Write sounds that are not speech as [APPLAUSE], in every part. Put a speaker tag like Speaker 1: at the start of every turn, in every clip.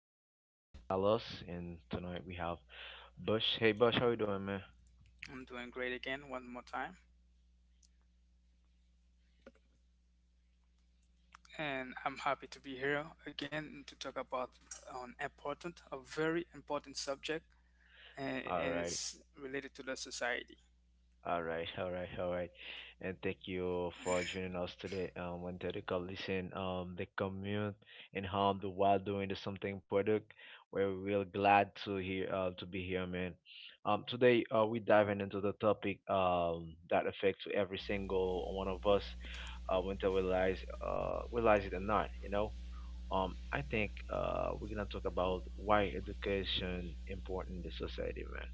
Speaker 1: I'm your host, Carlos, and tonight we have Bush. Hey, Bush, how you doing, man?
Speaker 2: I'm doing great again, one more time, and I'm happy to be here again to talk about a very important subject, and,
Speaker 1: All
Speaker 2: and
Speaker 1: right,
Speaker 2: it's related to the society.
Speaker 1: all right, [LAUGHS] all right, all right. And thank you for joining us today. When they call listen, the commute and harm the while doing the something product. We're real glad to hear to be here, man. Today we diving into the topic that affects every single one of us, whether we realize it or not, you know. I think we're gonna talk about why education important in the society, man.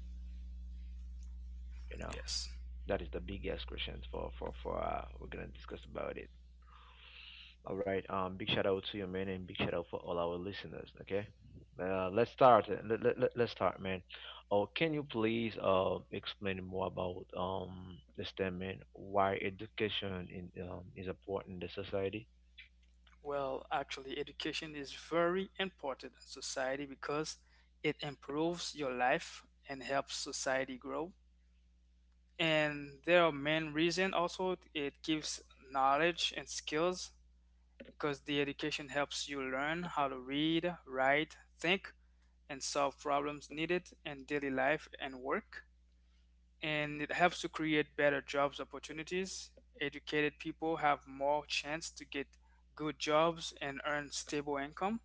Speaker 1: You know,
Speaker 2: Yes.
Speaker 1: that is the biggest question for. We're gonna discuss about it. All right. Big shout out to you, man, and big shout out for all our listeners. Okay. Let's start. Let's start, man. Oh, can you please explain more about the statement: why education in is important in the society?
Speaker 2: Education is very important in society because it improves your life and helps society grow. And there are main reason also it gives knowledge and skills because the education helps you learn how to read, write, think, and solve problems needed in daily life and work. And it helps to create better jobs opportunities. Educated people have more chance to get good jobs and earn stable income.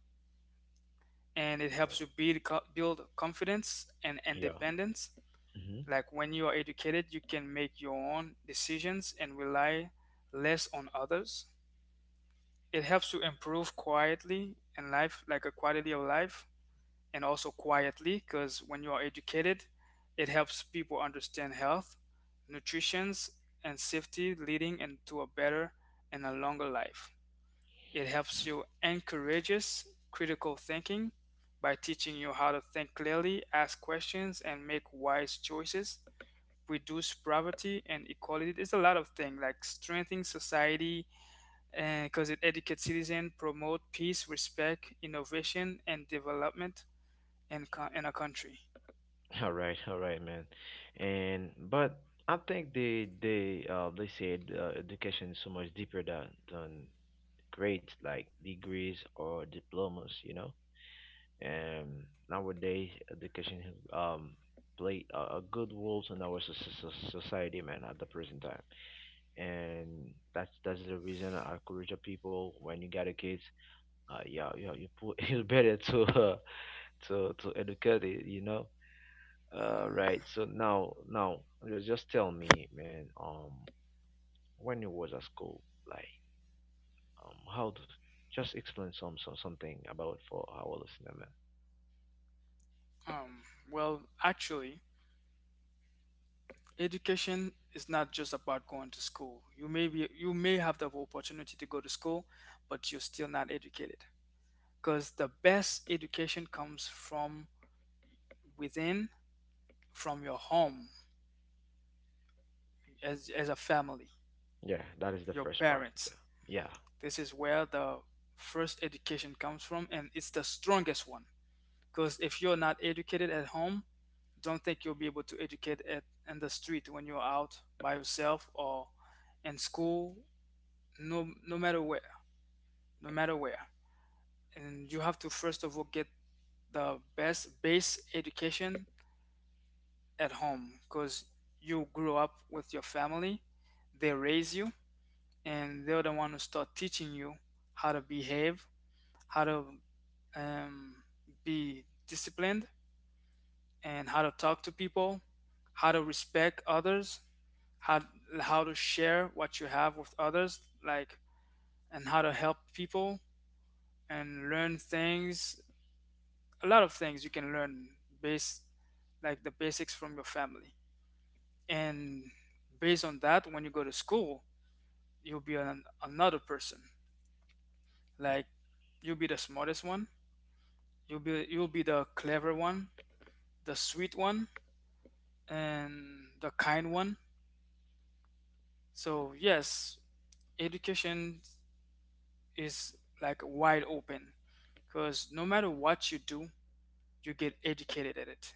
Speaker 2: And it
Speaker 1: Uh,
Speaker 2: helps you build confidence and
Speaker 1: Yeah.
Speaker 2: independence.
Speaker 1: Hmm.
Speaker 2: Like when you are educated, you can make your own decisions and rely less on others. It helps to improve quietly in life, like a quality of life, and also quietly because when you are educated, it helps people understand health, nutrition, and safety, leading into a better and a longer life. It helps you encourages critical thinking by teaching you how to think clearly, ask questions, and make wise choices. Reduce poverty and equality. There's a lot of things like strengthening society, because it educates citizens, promote peace, respect, innovation, and development in a country.
Speaker 1: All right, man. And but I think they said education is so much deeper than grades, like degrees or diplomas, you know. And nowadays, education, um play a good role in our society, man, at the present time. And that's the reason I encourage the people: when you got a kids, yeah, you put, [LAUGHS] it's better to, [LAUGHS] to educate it, you know. Right. So now, just tell me, man. When you was at school, like, how? D just explain some something about for our listener, man.
Speaker 2: Um, well, actually, education is not just about going to school. You may have the opportunity to go to school, but you're still not educated. Because the best education comes from within, from your home, as a family,
Speaker 1: Yeah, that is the
Speaker 2: your
Speaker 1: first part.
Speaker 2: parents.
Speaker 1: Yeah.
Speaker 2: This is where the first education comes from, and it's the strongest one. Because if you're not educated at home, don't think you'll be able to educate at in the street when you're out by yourself or in school, no matter where, no matter where. And you have to first of all get the best base education at home because you grow up with your family, they raise you, and they're the one who start teaching you how to behave, how to um, be disciplined, and how to talk to people, how to respect others, how how to share what you have with others, like and how to help people and learn things. A lot of things you can learn based like the basics from your family. And based on that, when you go to school, you'll be another person. Like you'll be the smartest one. You'll be the clever one, the sweet one, and the kind one. So yes, education is like wide open because no matter what you do, you get educated at it.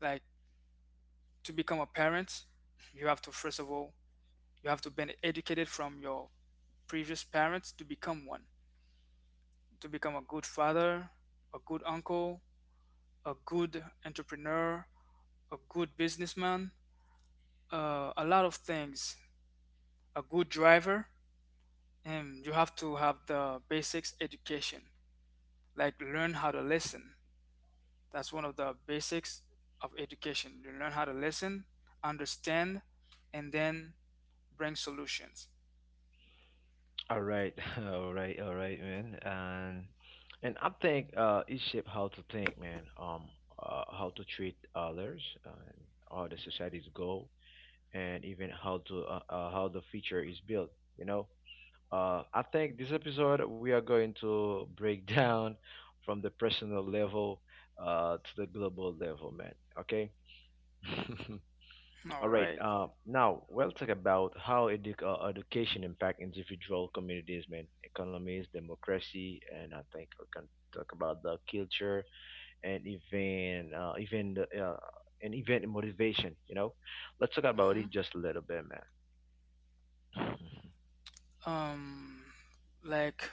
Speaker 2: Like to become a parent, you have to first of all, you have to been educated from your previous parents to become one, to become a good father, a good uncle, a good entrepreneur, a good businessman, a lot of things, a good driver, and you have to have the basics education, like learn how to listen. That's one of the basics of education. You learn how to listen, understand, and then bring solutions.
Speaker 1: Yeah. All right. [LAUGHS] All right. All right, man. And I think it shaped how to think, man. How to treat others, and how the society's goal, and even how to how the future is built. You know. I think this episode we are going to break [LAUGHS] down from the personal level to the global level, man. Okay. [LAUGHS]
Speaker 2: [LAUGHS]
Speaker 1: All
Speaker 2: All
Speaker 1: right.
Speaker 2: right.
Speaker 1: Now we'll talk about how education impact individual communities, man, economies, democracy, and I think we can talk about the culture and even, and even motivation. You know, let's talk about
Speaker 2: Mm-hmm.
Speaker 1: it just a little bit, man. [LAUGHS]
Speaker 2: Um, like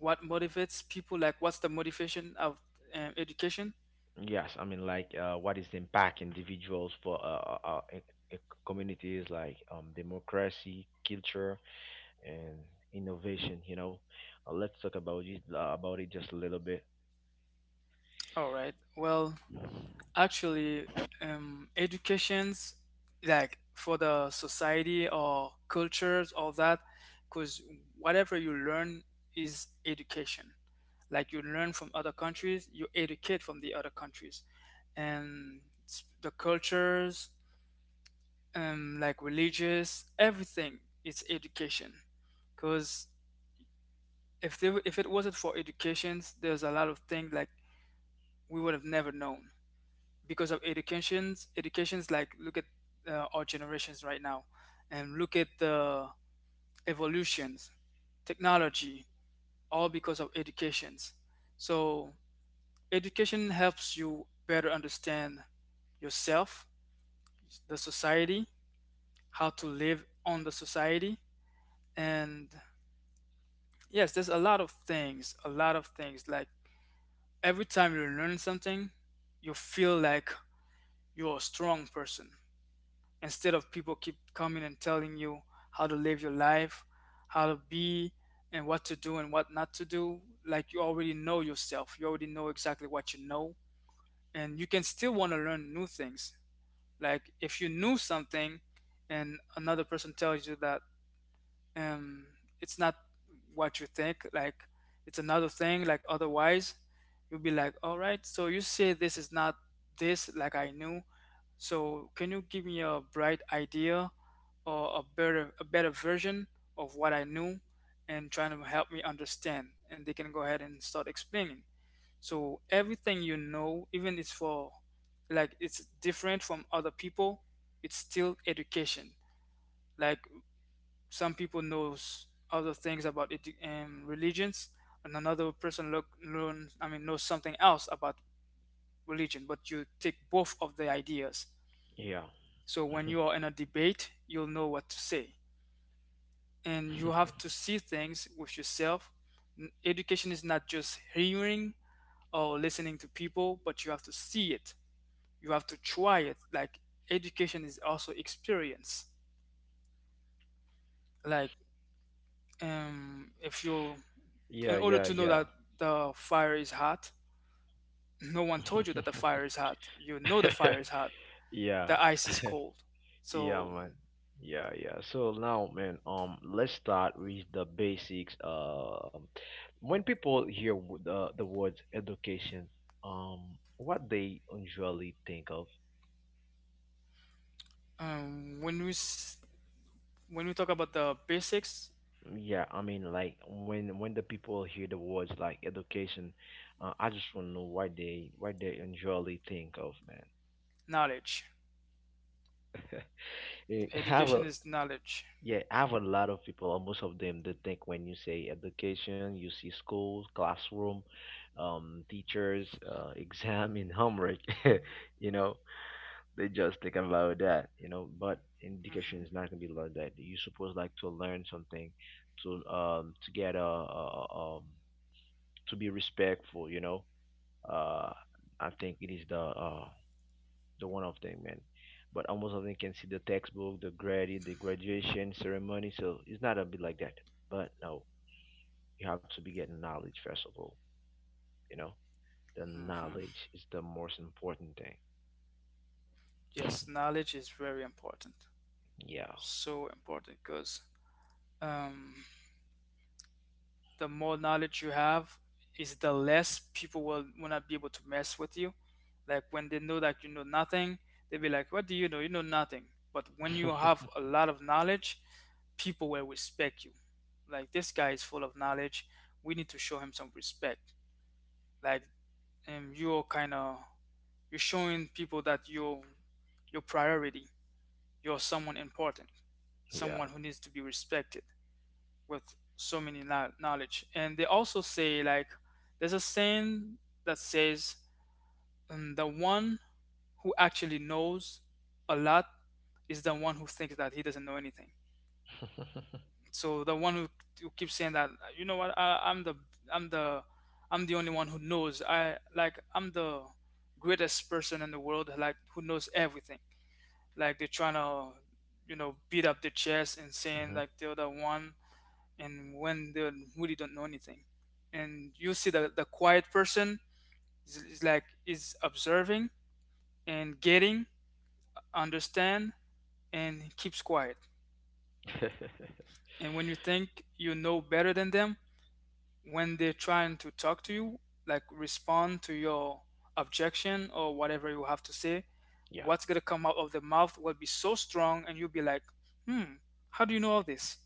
Speaker 2: what motivates people? Like what's the motivation of education?
Speaker 1: Yes, I mean, like, what is the impact individuals for e- communities like, democracy, culture, and innovation? You know, let's talk about it just a little bit.
Speaker 2: All right. Actually, educations like for the society or cultures, all that, because whatever you learn is education. Like you learn from other countries, you educate from the other countries and the cultures, um, like religious, everything, it's education. Because if it wasn't for educations, there's a lot of things like we would have never known because of educations. Educations, like look at our generations right now, and look at the evolutions, technology, all because of educations. So education helps you better understand yourself, the society, how to live on the society. And yes, there's a lot of things, a lot of things. Like every time you learn something, you feel like you're a strong person instead of people keep coming and telling you how to live your life, how to be, and what to do and what not to do. Like you already know yourself, you already know exactly what you know, and you can still want to learn new things. Like if you knew something and another person tells you that um, it's not what you think, like it's another thing, like otherwise you'll be like, all right, so you say this is not this, like I knew. So can you give me a bright idea or a better version of what I knew and trying to help me understand? And they can go ahead and start explaining. So everything you know, even it's for like it's different from other people, it's still education. Like some people knows other things about it, religions, and another person look learn I mean knows something else about religion. But you take both of the ideas.
Speaker 1: Yeah,
Speaker 2: So when
Speaker 1: [LAUGHS]
Speaker 2: you are in a debate, you'll know what to say, and you have to see things with yourself. Education is not just hearing or listening to people, but you have to see it, you have to try it. Like education is also experience. Like um, if you, in
Speaker 1: yeah,
Speaker 2: order
Speaker 1: yeah,
Speaker 2: to know
Speaker 1: yeah,
Speaker 2: that the fire is hot, no one told you that the fire is hot, you know the fire is
Speaker 1: [LAUGHS]
Speaker 2: hot,
Speaker 1: yeah.
Speaker 2: the ice is cold.
Speaker 1: Yeah,
Speaker 2: So
Speaker 1: man. Yeah, yeah. So now, man, let's start with the basics. When people hear the words education, um, what they usually think of?
Speaker 2: um when we s- when we talk about the basics,
Speaker 1: Yeah, I mean, like when the people hear the words like education, I just want to know why they usually think of, man.
Speaker 2: knowledge,
Speaker 1: Eh, [LAUGHS] I
Speaker 2: education
Speaker 1: will.
Speaker 2: is knowledge.
Speaker 1: Yeah, I have a lot of people, or most of them, they think when you say education, you see school, classroom, teachers, [LAUGHS] exam, and homework. [LAUGHS] You know, they just think about that, you know, but
Speaker 2: Hmm.
Speaker 1: education is not gonna be like that. You're supposed like to learn something, to get a, to be respectful, you know. Uh, I think it is the one of them, man. But almost of them can see the textbook, the graduation ceremony. So it's not a bit like that. But no, you have to be getting knowledge first of all. You know, the knowledge is the most important thing.
Speaker 2: Yes, knowledge is very important,
Speaker 1: Yeah.
Speaker 2: so important because um, the more knowledge you have is the less people will not be able to mess with you. Like when they know that you know nothing, they'll be like, what do you know, you know nothing. But when you have a
Speaker 1: [LAUGHS]
Speaker 2: lot of knowledge, people will respect you. Like this guy is full of knowledge, we need to show him some respect. Like you're kind of, you're showing people that you're your priority, you're someone important, someone
Speaker 1: yeah.
Speaker 2: who needs to be respected with so many knowledge. And they also say like there's a saying that says the one who actually knows a lot is the one who thinks that he doesn't know anything.
Speaker 1: [LAUGHS]
Speaker 2: So the one who keeps saying that, you know what, I'm the, I'm the I'm the only one who knows. I like I'm the greatest person in the world like who knows everything. Like they're trying to, you know, beat up their chest and saying
Speaker 1: Mhm.
Speaker 2: like they're the one, and when they really don't know anything. And you see that the quiet person is like is observing and getting, understand, and keeps quiet. And when you think you know better than them, when they're trying to talk to you, like respond to your objection or whatever you have to say,
Speaker 1: [LAUGHS] yeah.
Speaker 2: what's gonna come out of the mouth will be so strong, and you'll be like, "Hmm, how do you know all this?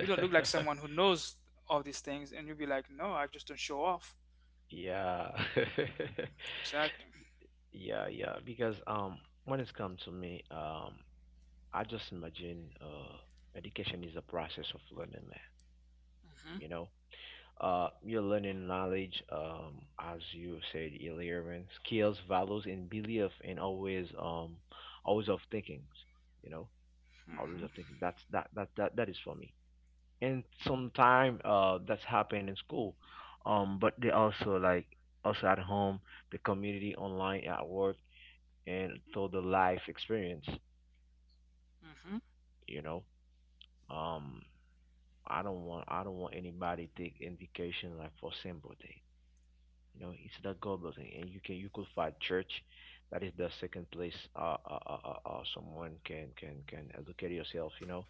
Speaker 2: You don't look like someone who knows all these things." And you'll be like, "No, I just don't show off."
Speaker 1: yeah. [LAUGHS]
Speaker 2: Exactly.
Speaker 1: yeah. Yeah. Because, when it's come to me, I just imagine education is a process of learning, man.
Speaker 2: Hmm.
Speaker 1: You know, you're learning knowledge, as you said earlier, and skills, values, and belief, and always, always of thinking. You know, always
Speaker 2: Hmm.
Speaker 1: of thinking. That's that that that That is for me. And sometime, that's happened in school, but they also like also at home, the community, online, at work, and through the life experience.
Speaker 2: Hmm.
Speaker 1: You know, um, I don't want anybody to take education like for sympathy. You know, it's the gold building, and you can you could find church. That is the second place someone can educate yourself, you know.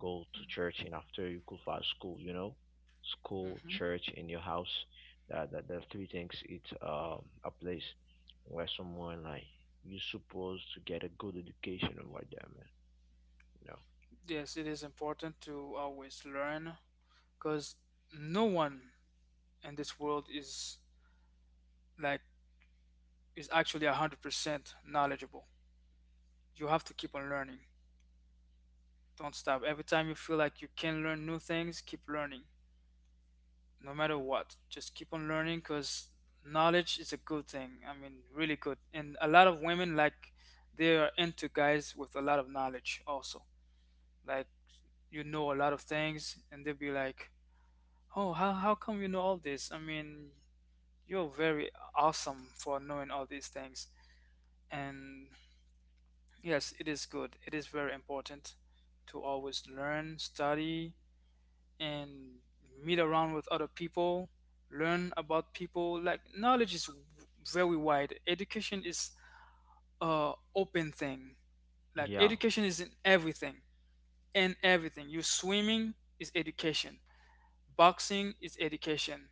Speaker 1: Go to church, and after you could find school, you know. School, church, in your house. That three things, it's a place where someone like you supposed to get a good education over there, man, you know.
Speaker 2: Yes, it is important to always learn because no one in this world is like is actually 100% knowledgeable. You have to keep on learning. Don't stop. Every time you feel like you can learn new things, keep learning. No matter what, just keep on learning because knowledge is a good thing. I mean, really good. And a lot of women like they are into guys with a lot of knowledge also. Like you know a lot of things and they'll be like, oh, how come you know all this? I mean, you're very awesome for knowing all these things. And yes, it is good. It is very important to always learn, study, and meet around with other people, learn about people. Like knowledge is very wide. Education is a open thing. Like
Speaker 1: Yeah.
Speaker 2: education is in everything. In everything. You swimming is education. Boxing is education.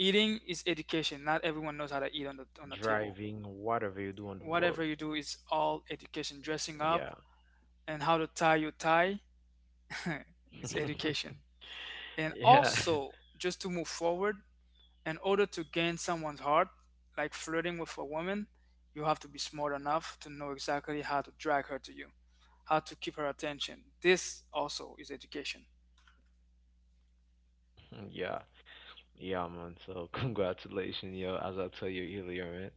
Speaker 2: Eating is education. Not everyone knows how to eat on the table.
Speaker 1: Driving, whatever you do in the world.
Speaker 2: Whatever you do is all education. Dressing up
Speaker 1: Yeah.
Speaker 2: and how to tie your tie is education. And
Speaker 1: [LAUGHS] yeah.
Speaker 2: also, just to move forward, in order to gain someone's heart, like flirting with a woman, you have to be smart enough to know exactly how to drag her to you, how to keep her attention. This also is education.
Speaker 1: [LAUGHS] yeah. Yeah, man. So [LAUGHS] congratulations, yo. As I tell you earlier, man.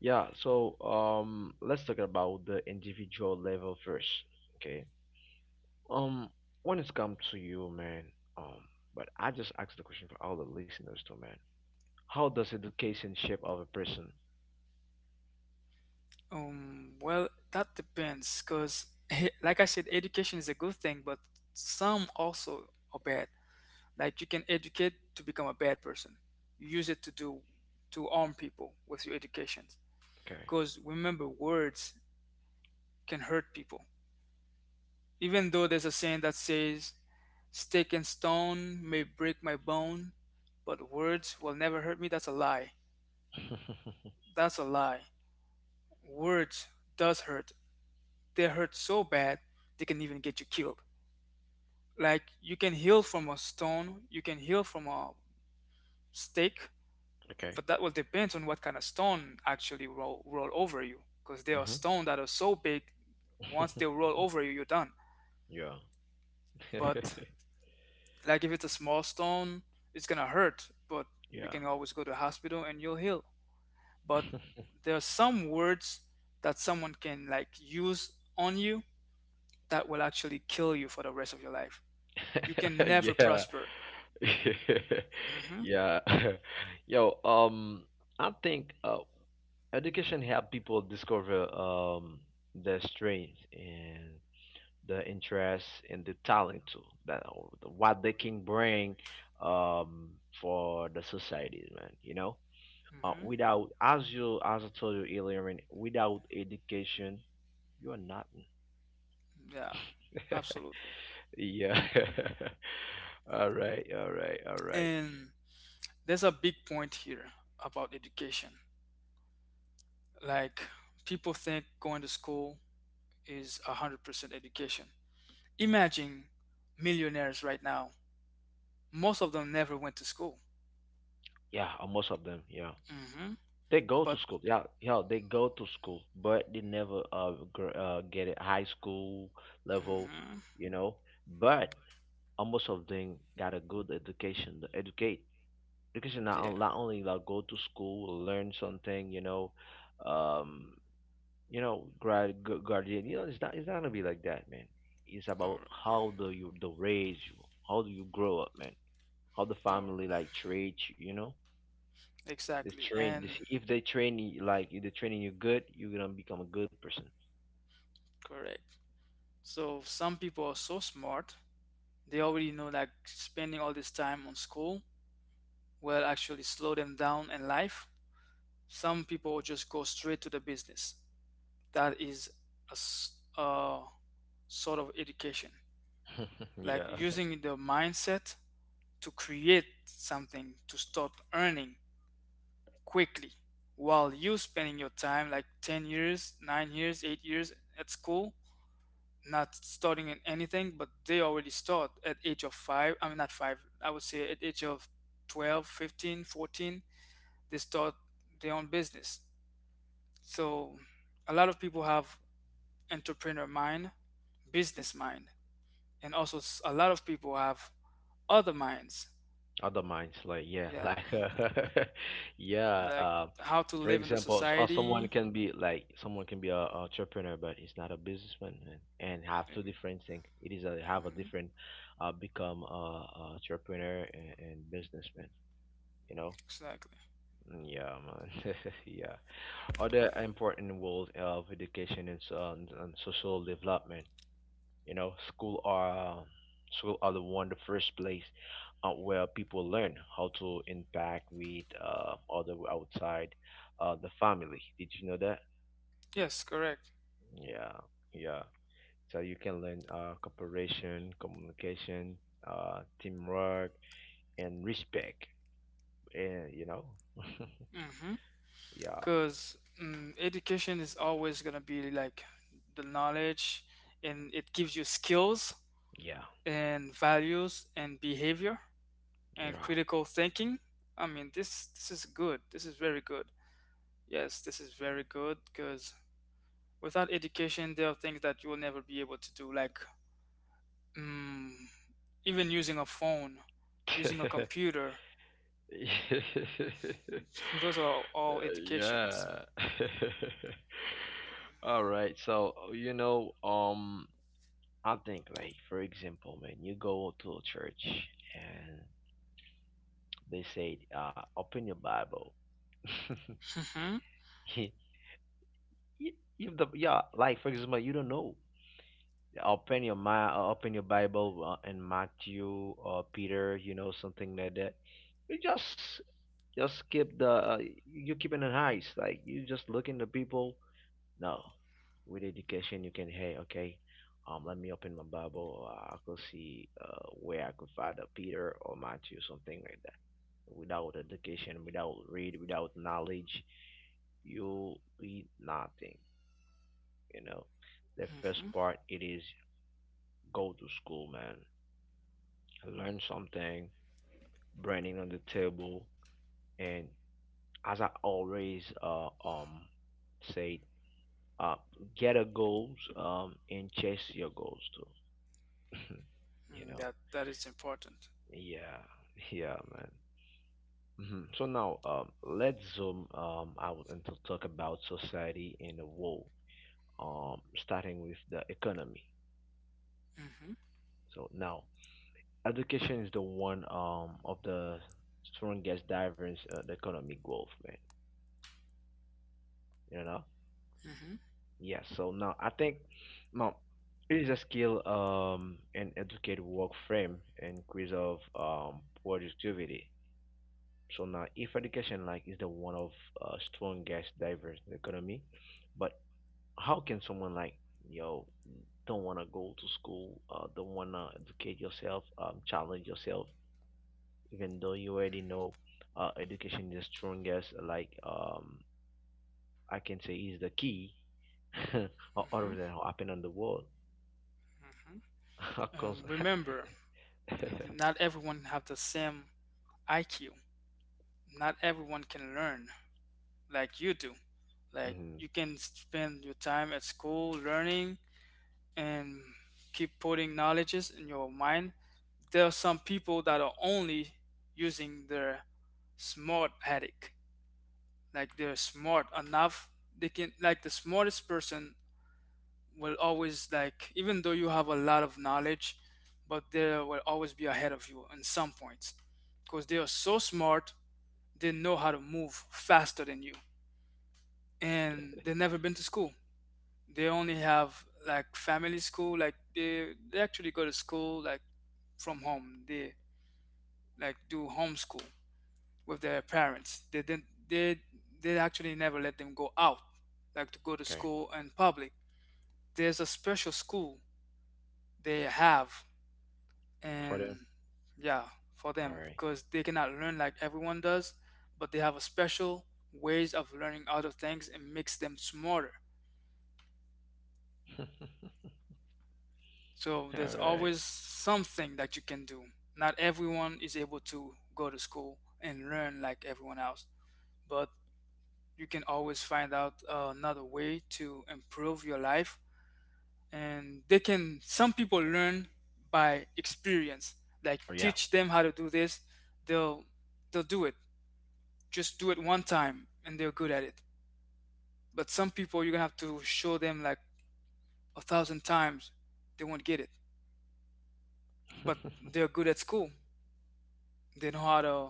Speaker 1: Yeah. So let's talk about the individual level first. Okay. Um, when it's come to you, man. Um, but I just asked the question for all the listeners too, man. How does education shape of a person?
Speaker 2: Well, that depends, because [LAUGHS] like I said, education is a good thing, but some also are bad. Like you can educate to become a bad person. You use it to do to arm people with your educations.
Speaker 1: Okay.
Speaker 2: Because remember, words can hurt people. Even though there's a saying that says, "Stick and stone may break my bone, but words will never hurt me." That's a lie. That's a lie. Words does hurt. They hurt so bad they can even get you killed. Like you can heal from a stone, you can heal from a stake,
Speaker 1: [LAUGHS] okay.
Speaker 2: but that will depend on what kind of stone actually roll, roll over you, because there are
Speaker 1: Mhm.
Speaker 2: stones that are so big once they roll
Speaker 1: [LAUGHS]
Speaker 2: over you, you're done.
Speaker 1: yeah.
Speaker 2: But like if it's a small stone, it's gonna hurt, but
Speaker 1: [LAUGHS]
Speaker 2: you
Speaker 1: yeah.
Speaker 2: can always go to hospital and you'll heal. But there are some words that someone can like use on you that will actually kill you for the rest of your life. You can
Speaker 1: [LAUGHS]
Speaker 2: never
Speaker 1: yeah. [LAUGHS]
Speaker 2: prosper.
Speaker 1: [LAUGHS]
Speaker 2: hmm
Speaker 1: Yeah. [LAUGHS] Yo, I think education help people discover their strengths and the interests and the talent too, that what they can bring um for the society, man. You know,
Speaker 2: hmm
Speaker 1: without, as you as I told you earlier, man, without education, you are nothing.
Speaker 2: yeah, absolutely.
Speaker 1: [LAUGHS] Yeah. [LAUGHS] All right. All right. All right.
Speaker 2: And there's a big point here about education. Like, people think going to school is 100% education. Imagine millionaires right now. Most of them never went to school.
Speaker 1: Yeah, most of them. Yeah.
Speaker 2: hmm
Speaker 1: They go to
Speaker 2: But,
Speaker 1: school. Yeah, yeah, they go to school, but they never get it high school level,
Speaker 2: hmm
Speaker 1: you know. But almost of them got a good education. The educate education not,
Speaker 2: yeah,
Speaker 1: not only like go to school, learn something, um, you know, guardian. You know, it's not gonna be like that, man. It's
Speaker 2: all
Speaker 1: about
Speaker 2: right,
Speaker 1: how do you the raise you, how do you grow up, man. How the
Speaker 2: all
Speaker 1: family
Speaker 2: right.
Speaker 1: like treat you, you know. This
Speaker 2: Exactly,
Speaker 1: train, this
Speaker 2: and
Speaker 1: if they train you like, if they training you good, you're gonna become a good person.
Speaker 2: correct. So, some people are so smart, they already know that spending all this time on school will actually slow them down in life. Some people just go straight to the business. That is a sort of education.
Speaker 1: [LAUGHS]
Speaker 2: Like
Speaker 1: Yeah.
Speaker 2: using the mindset to create something to start earning quickly, while you spending your time like 10 years 9 years 8 years at school, not starting in anything. But they already start at age of 5. I mean, not 5, I would say at age of 12, 15, 14, they start their own business. So a lot of people have entrepreneur mind, business mind, and also a lot of people have other minds,
Speaker 1: Other minds, like yeah, [LAUGHS]
Speaker 2: yeah,
Speaker 1: like, [LAUGHS] yeah.
Speaker 2: like how to
Speaker 1: For
Speaker 2: live in the
Speaker 1: example, s- or someone
Speaker 2: society.
Speaker 1: can be like, someone can be a entrepreneur, but he's not a businessman, and have two different things. It is a, have a
Speaker 2: Mhm,
Speaker 1: different, become a entrepreneur and businessman. You know.
Speaker 2: exactly.
Speaker 1: Mm. Yeah, man. [LAUGHS] yeah. Other important roles of education and, and social development. You know, school are the one the first place where people learn how to interact with other outside the family. Did you know that?
Speaker 2: Yes, correct.
Speaker 1: Yeah, yeah. So you can learn, cooperation, communication, teamwork, and respect. And you know, [LAUGHS] yeah,
Speaker 2: Because education is always gonna be like the knowledge, and it gives you skills
Speaker 1: yeah,
Speaker 2: and values and behavior and critical thinking. I mean, this is good. This is very good. Yes, this is very good. Because without education, there are things that you will never be able to do, like mm, even using a phone, using a
Speaker 1: yeah. [LAUGHS]
Speaker 2: computer.
Speaker 1: [LAUGHS]
Speaker 2: Those are all indications.
Speaker 1: Yeah. [LAUGHS] All right. So, you know, I think, like for example, man, you go to a church and they say, open your Bible. [LAUGHS]
Speaker 2: hmm
Speaker 1: Y- y- If the yeah, like for example, you don't know. Open your mind, open your Bible in Matthew or Peter, you know, something like that. You just keep the you keeping it nice. Like you just looking the people. No, with education you can, hey okay, let me open my Bible. I could see where I could find a Peter or Matthew, something like that. Without education, without read, without knowledge, you read nothing. You know, the first
Speaker 2: hmm
Speaker 1: part it is: go to school, man. Learn something, branding on the table, and as I always say, uh, get a goals and chase your goals too. [LAUGHS] you know,
Speaker 2: That that is important.
Speaker 1: yeah, [LAUGHS] yeah, man. Hmm. So now, let's zoom out and to talk about society in the world. Starting with the economy.
Speaker 2: hmm
Speaker 1: So now, education is the one of the strongest drivers the economic growth, man. You know.
Speaker 2: hmm hmm
Speaker 1: Yeah, so now I think now it is a skill and educate work frame and quiz of productivity. So now if education like is the one of strong gas diverse economy, but how can someone like, yo, don't wanna go to school, don't wanna educate yourself, challenge yourself, even though you already know education is the strongest, like, I can say is the key, [LAUGHS] or
Speaker 2: hmm
Speaker 1: other than happen on the world. [LAUGHS] Of course. [LAUGHS]
Speaker 2: Remember, not everyone have the same IQ. Not everyone can learn like you do. Like
Speaker 1: Mhm.
Speaker 2: you can spend your time at school learning and keep putting knowledges in your mind. There are some people that are only using their smart attic. Like they're smart enough, they can like the smartest person will always like, even though you have a lot of knowledge, but they will always be ahead of you in some points, because they are so smart they know how to move faster than you, and they've never been to school. They only have like family school, like they actually go to school like from home. They like do homeschool with their parents. They they actually never let them go out, like to go to
Speaker 1: Okay.
Speaker 2: school and public. There's a special school they have,
Speaker 1: For them.
Speaker 2: and yeah, for
Speaker 1: All
Speaker 2: them,
Speaker 1: right.
Speaker 2: because they cannot learn like everyone does, but they have a special ways of learning other things and makes them smarter.
Speaker 1: [LAUGHS]
Speaker 2: So
Speaker 1: All
Speaker 2: there's
Speaker 1: right.
Speaker 2: always something that you can do. Not everyone is able to go to school and learn like everyone else, but you can always find out another way to improve your life. And they can, some people learn by experience, like
Speaker 1: Or yeah.
Speaker 2: teach them how to do this, they'll they'll do it, just do it one time and they're good at it. But some people, you're gonna have to show them like a thousand times, they won't get it. But they're
Speaker 1: [LAUGHS]
Speaker 2: good at school, they know how to,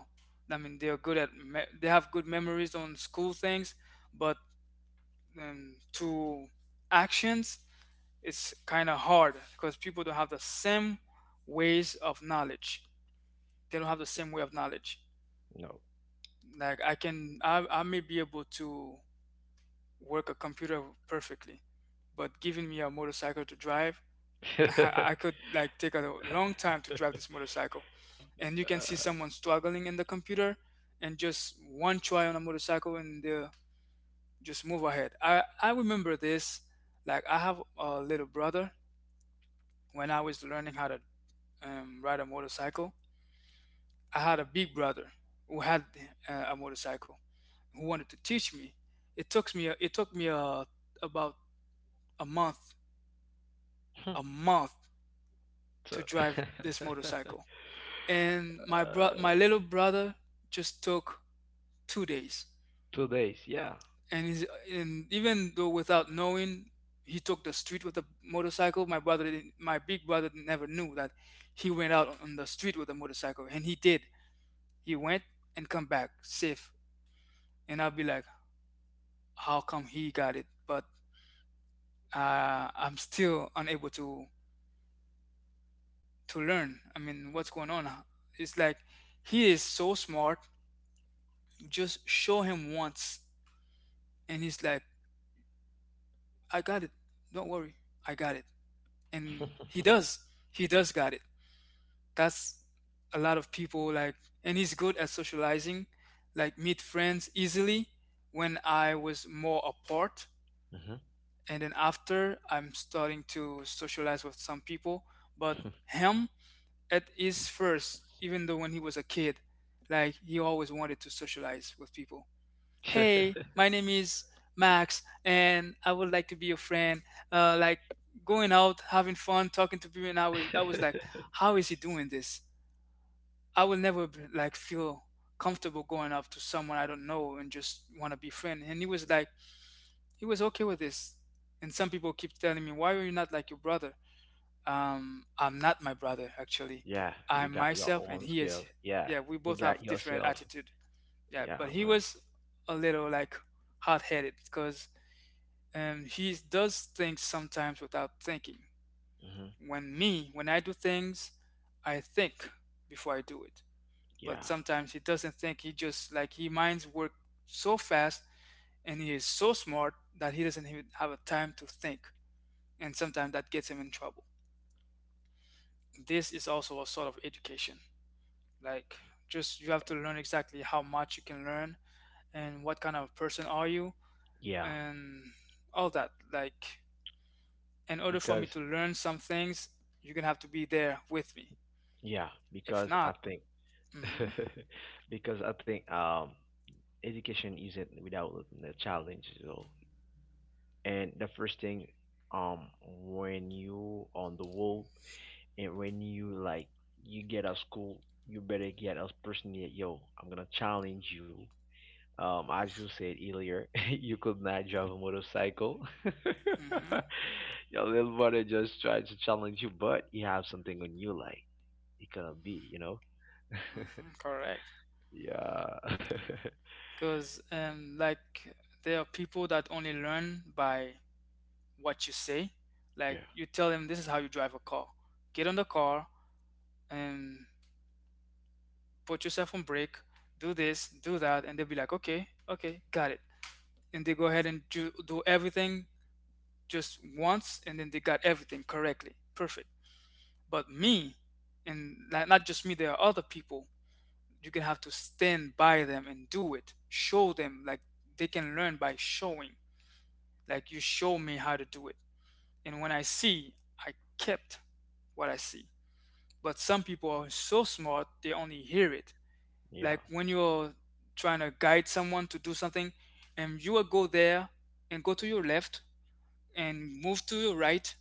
Speaker 2: I mean, they're good at they have good memories on school things. But to actions, it's kind of hard because people don't have the same ways of knowledge. They don't have the same way of knowledge.
Speaker 1: No.
Speaker 2: Like I may be able to work a computer perfectly, but giving me a motorcycle to drive, [LAUGHS] I
Speaker 1: [LAUGHS]
Speaker 2: could like take a long time to drive this motorcycle. And you can see
Speaker 1: Uh,
Speaker 2: someone struggling in the computer, and just one try on a motorcycle, and they just move ahead. I remember this. Like I have a little brother. When I was learning how to ride a motorcycle, I had a big brother who had a motorcycle, who wanted to teach me. It took me about a month a month
Speaker 1: [LAUGHS]
Speaker 2: to
Speaker 1: so, [LAUGHS]
Speaker 2: drive this
Speaker 1: uh,
Speaker 2: motorcycle, and my little brother just took 2 days.
Speaker 1: 2 days. Yeah.
Speaker 2: And, he's, and even though without knowing, he took the street with a motorcycle. My brother, didn't, my big brother, never knew that he went out on the street with a motorcycle, and he did. He went and come back safe, and I'll be like, how come he got it, but I'm still unable to learn. I mean, what's going on? It's like he is so smart. Just show him once, and he's like, "I got it. Don't worry, I got it." And he
Speaker 1: [LAUGHS]
Speaker 2: does. He does got it. That's a lot of people like, and he's good at socializing, like meet friends easily. When I was more apart,
Speaker 1: Mhm.
Speaker 2: and then after I'm starting to socialize with some people, but him at his first, even though when he was a kid, like he always wanted to socialize with people. Hey,
Speaker 1: [LAUGHS]
Speaker 2: my name is Max, and I would like to be your friend. Like going out, having fun, talking to people, and I was like, how is he doing this? I will never like feel comfortable going up to someone I don't know and just want to be friend. And he was like, he was okay with this. And some people keep telling me, why are you not like your brother? I'm not my brother actually.
Speaker 1: Yeah, you
Speaker 2: I'm
Speaker 1: got your
Speaker 2: myself, and
Speaker 1: own
Speaker 2: he is.
Speaker 1: skills. Yeah,
Speaker 2: Yeah, we
Speaker 1: you
Speaker 2: both
Speaker 1: got
Speaker 2: have different
Speaker 1: yourself.
Speaker 2: attitude. Yeah,
Speaker 1: Yeah,
Speaker 2: but he
Speaker 1: man.
Speaker 2: was a little like hot-headed because he does things sometimes without thinking.
Speaker 1: Hmm.
Speaker 2: When I do things, I think before I do it. But
Speaker 1: Yeah,
Speaker 2: sometimes he doesn't think. He just like he minds work so fast, and he is so smart that he doesn't even have a time to think. And sometimes that gets him in trouble. This is also a sort of education. Like, just you have to learn exactly how much you can learn and what kind of person are you,
Speaker 1: yeah.
Speaker 2: and all that. Like, in order for me
Speaker 1: Because
Speaker 2: to learn some things, you're gonna have to be there with me.
Speaker 1: yeah,
Speaker 2: If
Speaker 1: because I
Speaker 2: not,
Speaker 1: think
Speaker 2: mm-hmm,
Speaker 1: [LAUGHS] because I think education isn't without the challenge at all. And the first thing, when you on the wall and when you like you get out of school, you better get us personally. Yo, I'm gonna challenge you. As you said earlier, [LAUGHS] you could not drive a motorcycle. [LAUGHS]
Speaker 2: mm-hmm,
Speaker 1: Your little brother just tried to challenge you, but you have something on you like it cannot be, you know?
Speaker 2: mm-hmm, correct.
Speaker 1: Yeah,
Speaker 2: Because, like, there are people that only learn by what you say. Like,
Speaker 1: [LAUGHS]
Speaker 2: you tell them this is how you drive a car. Get on the car and put yourself on brake, do this, do that, and they'll be like, okay, okay, got it. And they go ahead and do everything just once, and then they got everything correctly perfect. But me, and not just me, there are other people, you can have to stand by them and do it, show them, like they can learn by showing. Like you show me how to do it, and when I see, I kept what I see. But some people are so smart they only hear it.
Speaker 1: yeah.
Speaker 2: Like when you're trying to guide someone to do something, and you will go there and go to your left and move to your right,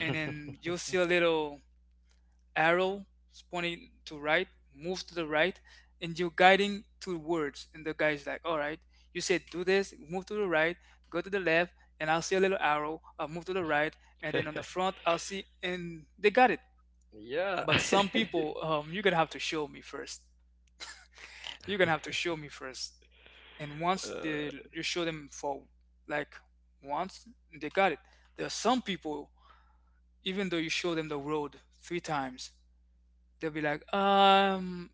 Speaker 2: and then you'll see a little arrow pointing to right. Move to the right, and you're guiding to words. And the guy's like, "All right, you said do this. Move to the right, go to the left, and I'll see a little arrow. I'll move to the right, and then on
Speaker 1: Yeah.
Speaker 2: the
Speaker 1: [LAUGHS]
Speaker 2: front I'll see." And they got it.
Speaker 1: Yeah.
Speaker 2: But some
Speaker 1: [LAUGHS]
Speaker 2: people, you're gonna have to show me first. You're gonna have to show me first. And once they
Speaker 1: Uh,
Speaker 2: you show them for like once, they got it. There are some people, even though you show them the road three times, they'll be like,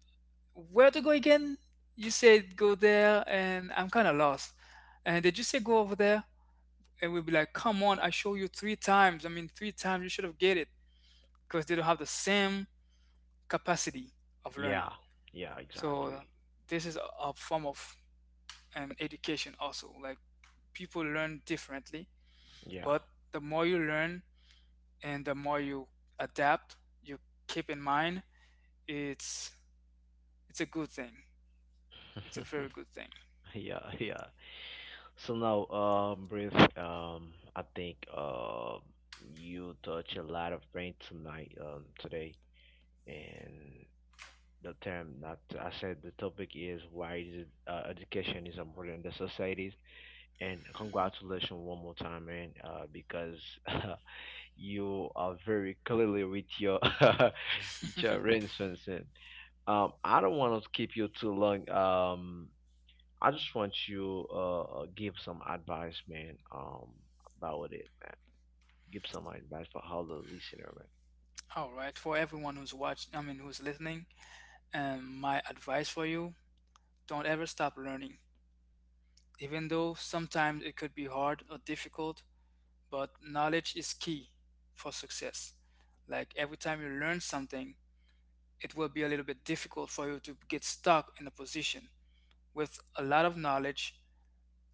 Speaker 2: where to go again? You said go there, and I'm kind of lost. And did you say go over there? And we'll be like, come on, I show you three times. I mean, three times you should have get it, because they don't have the same capacity of learning.
Speaker 1: yeah, yeah,
Speaker 2: So
Speaker 1: exactly.
Speaker 2: this is a form of an education also. Like people learn differently,
Speaker 1: Yeah.
Speaker 2: but the more you learn and the more you adapt, you keep in mind, it's it's a good thing. It's a
Speaker 1: [LAUGHS]
Speaker 2: very good thing.
Speaker 1: Yeah, yeah. So now, Brief, I think you touch a lot of brain tonight, today, and the term that I said the topic is: why is it, education is important in the societies. And congratulations one more time, man, because [LAUGHS] you are very clearly with your [LAUGHS] with your arrangements. I don't want to keep you too long. I just want you give some advice, man. About it, man. Give some advice for how the listener, man.
Speaker 2: All right, for everyone who's watching, I mean, who's listening, my advice for you, don't ever stop learning. Even though sometimes it could be hard or difficult, but knowledge is key for success. Like every time you learn something, it will be a little bit difficult for you to get stuck in a position. With a lot of knowledge,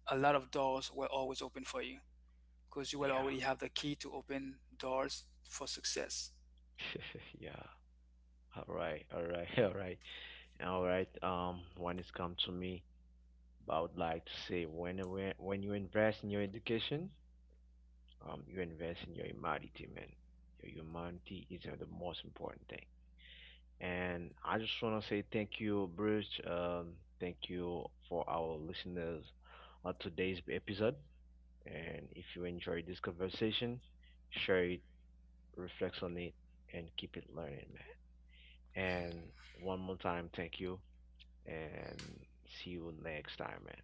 Speaker 2: a lot of doors will always open for you because you will
Speaker 1: Yeah.
Speaker 2: already have the key to open doors for success.
Speaker 1: [LAUGHS] Yeah. All right. All right. [LAUGHS] All right. All right. [LAUGHS] When it's come to me, I would like to say, when you invest in your education, you invest in your humanity, man. Your humanity is the most important thing. And I just want to say thank you, Bridge. Thank you for our listeners on today's episode. And if you enjoyed this conversation, share it, reflect on it, and keep it learning, man. And one more time, thank you, and see you next time, man.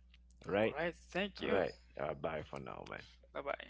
Speaker 1: All
Speaker 2: All
Speaker 1: right?
Speaker 2: right, thank
Speaker 1: All
Speaker 2: you.
Speaker 1: right. All right. Bye for now, man.
Speaker 2: Bye bye.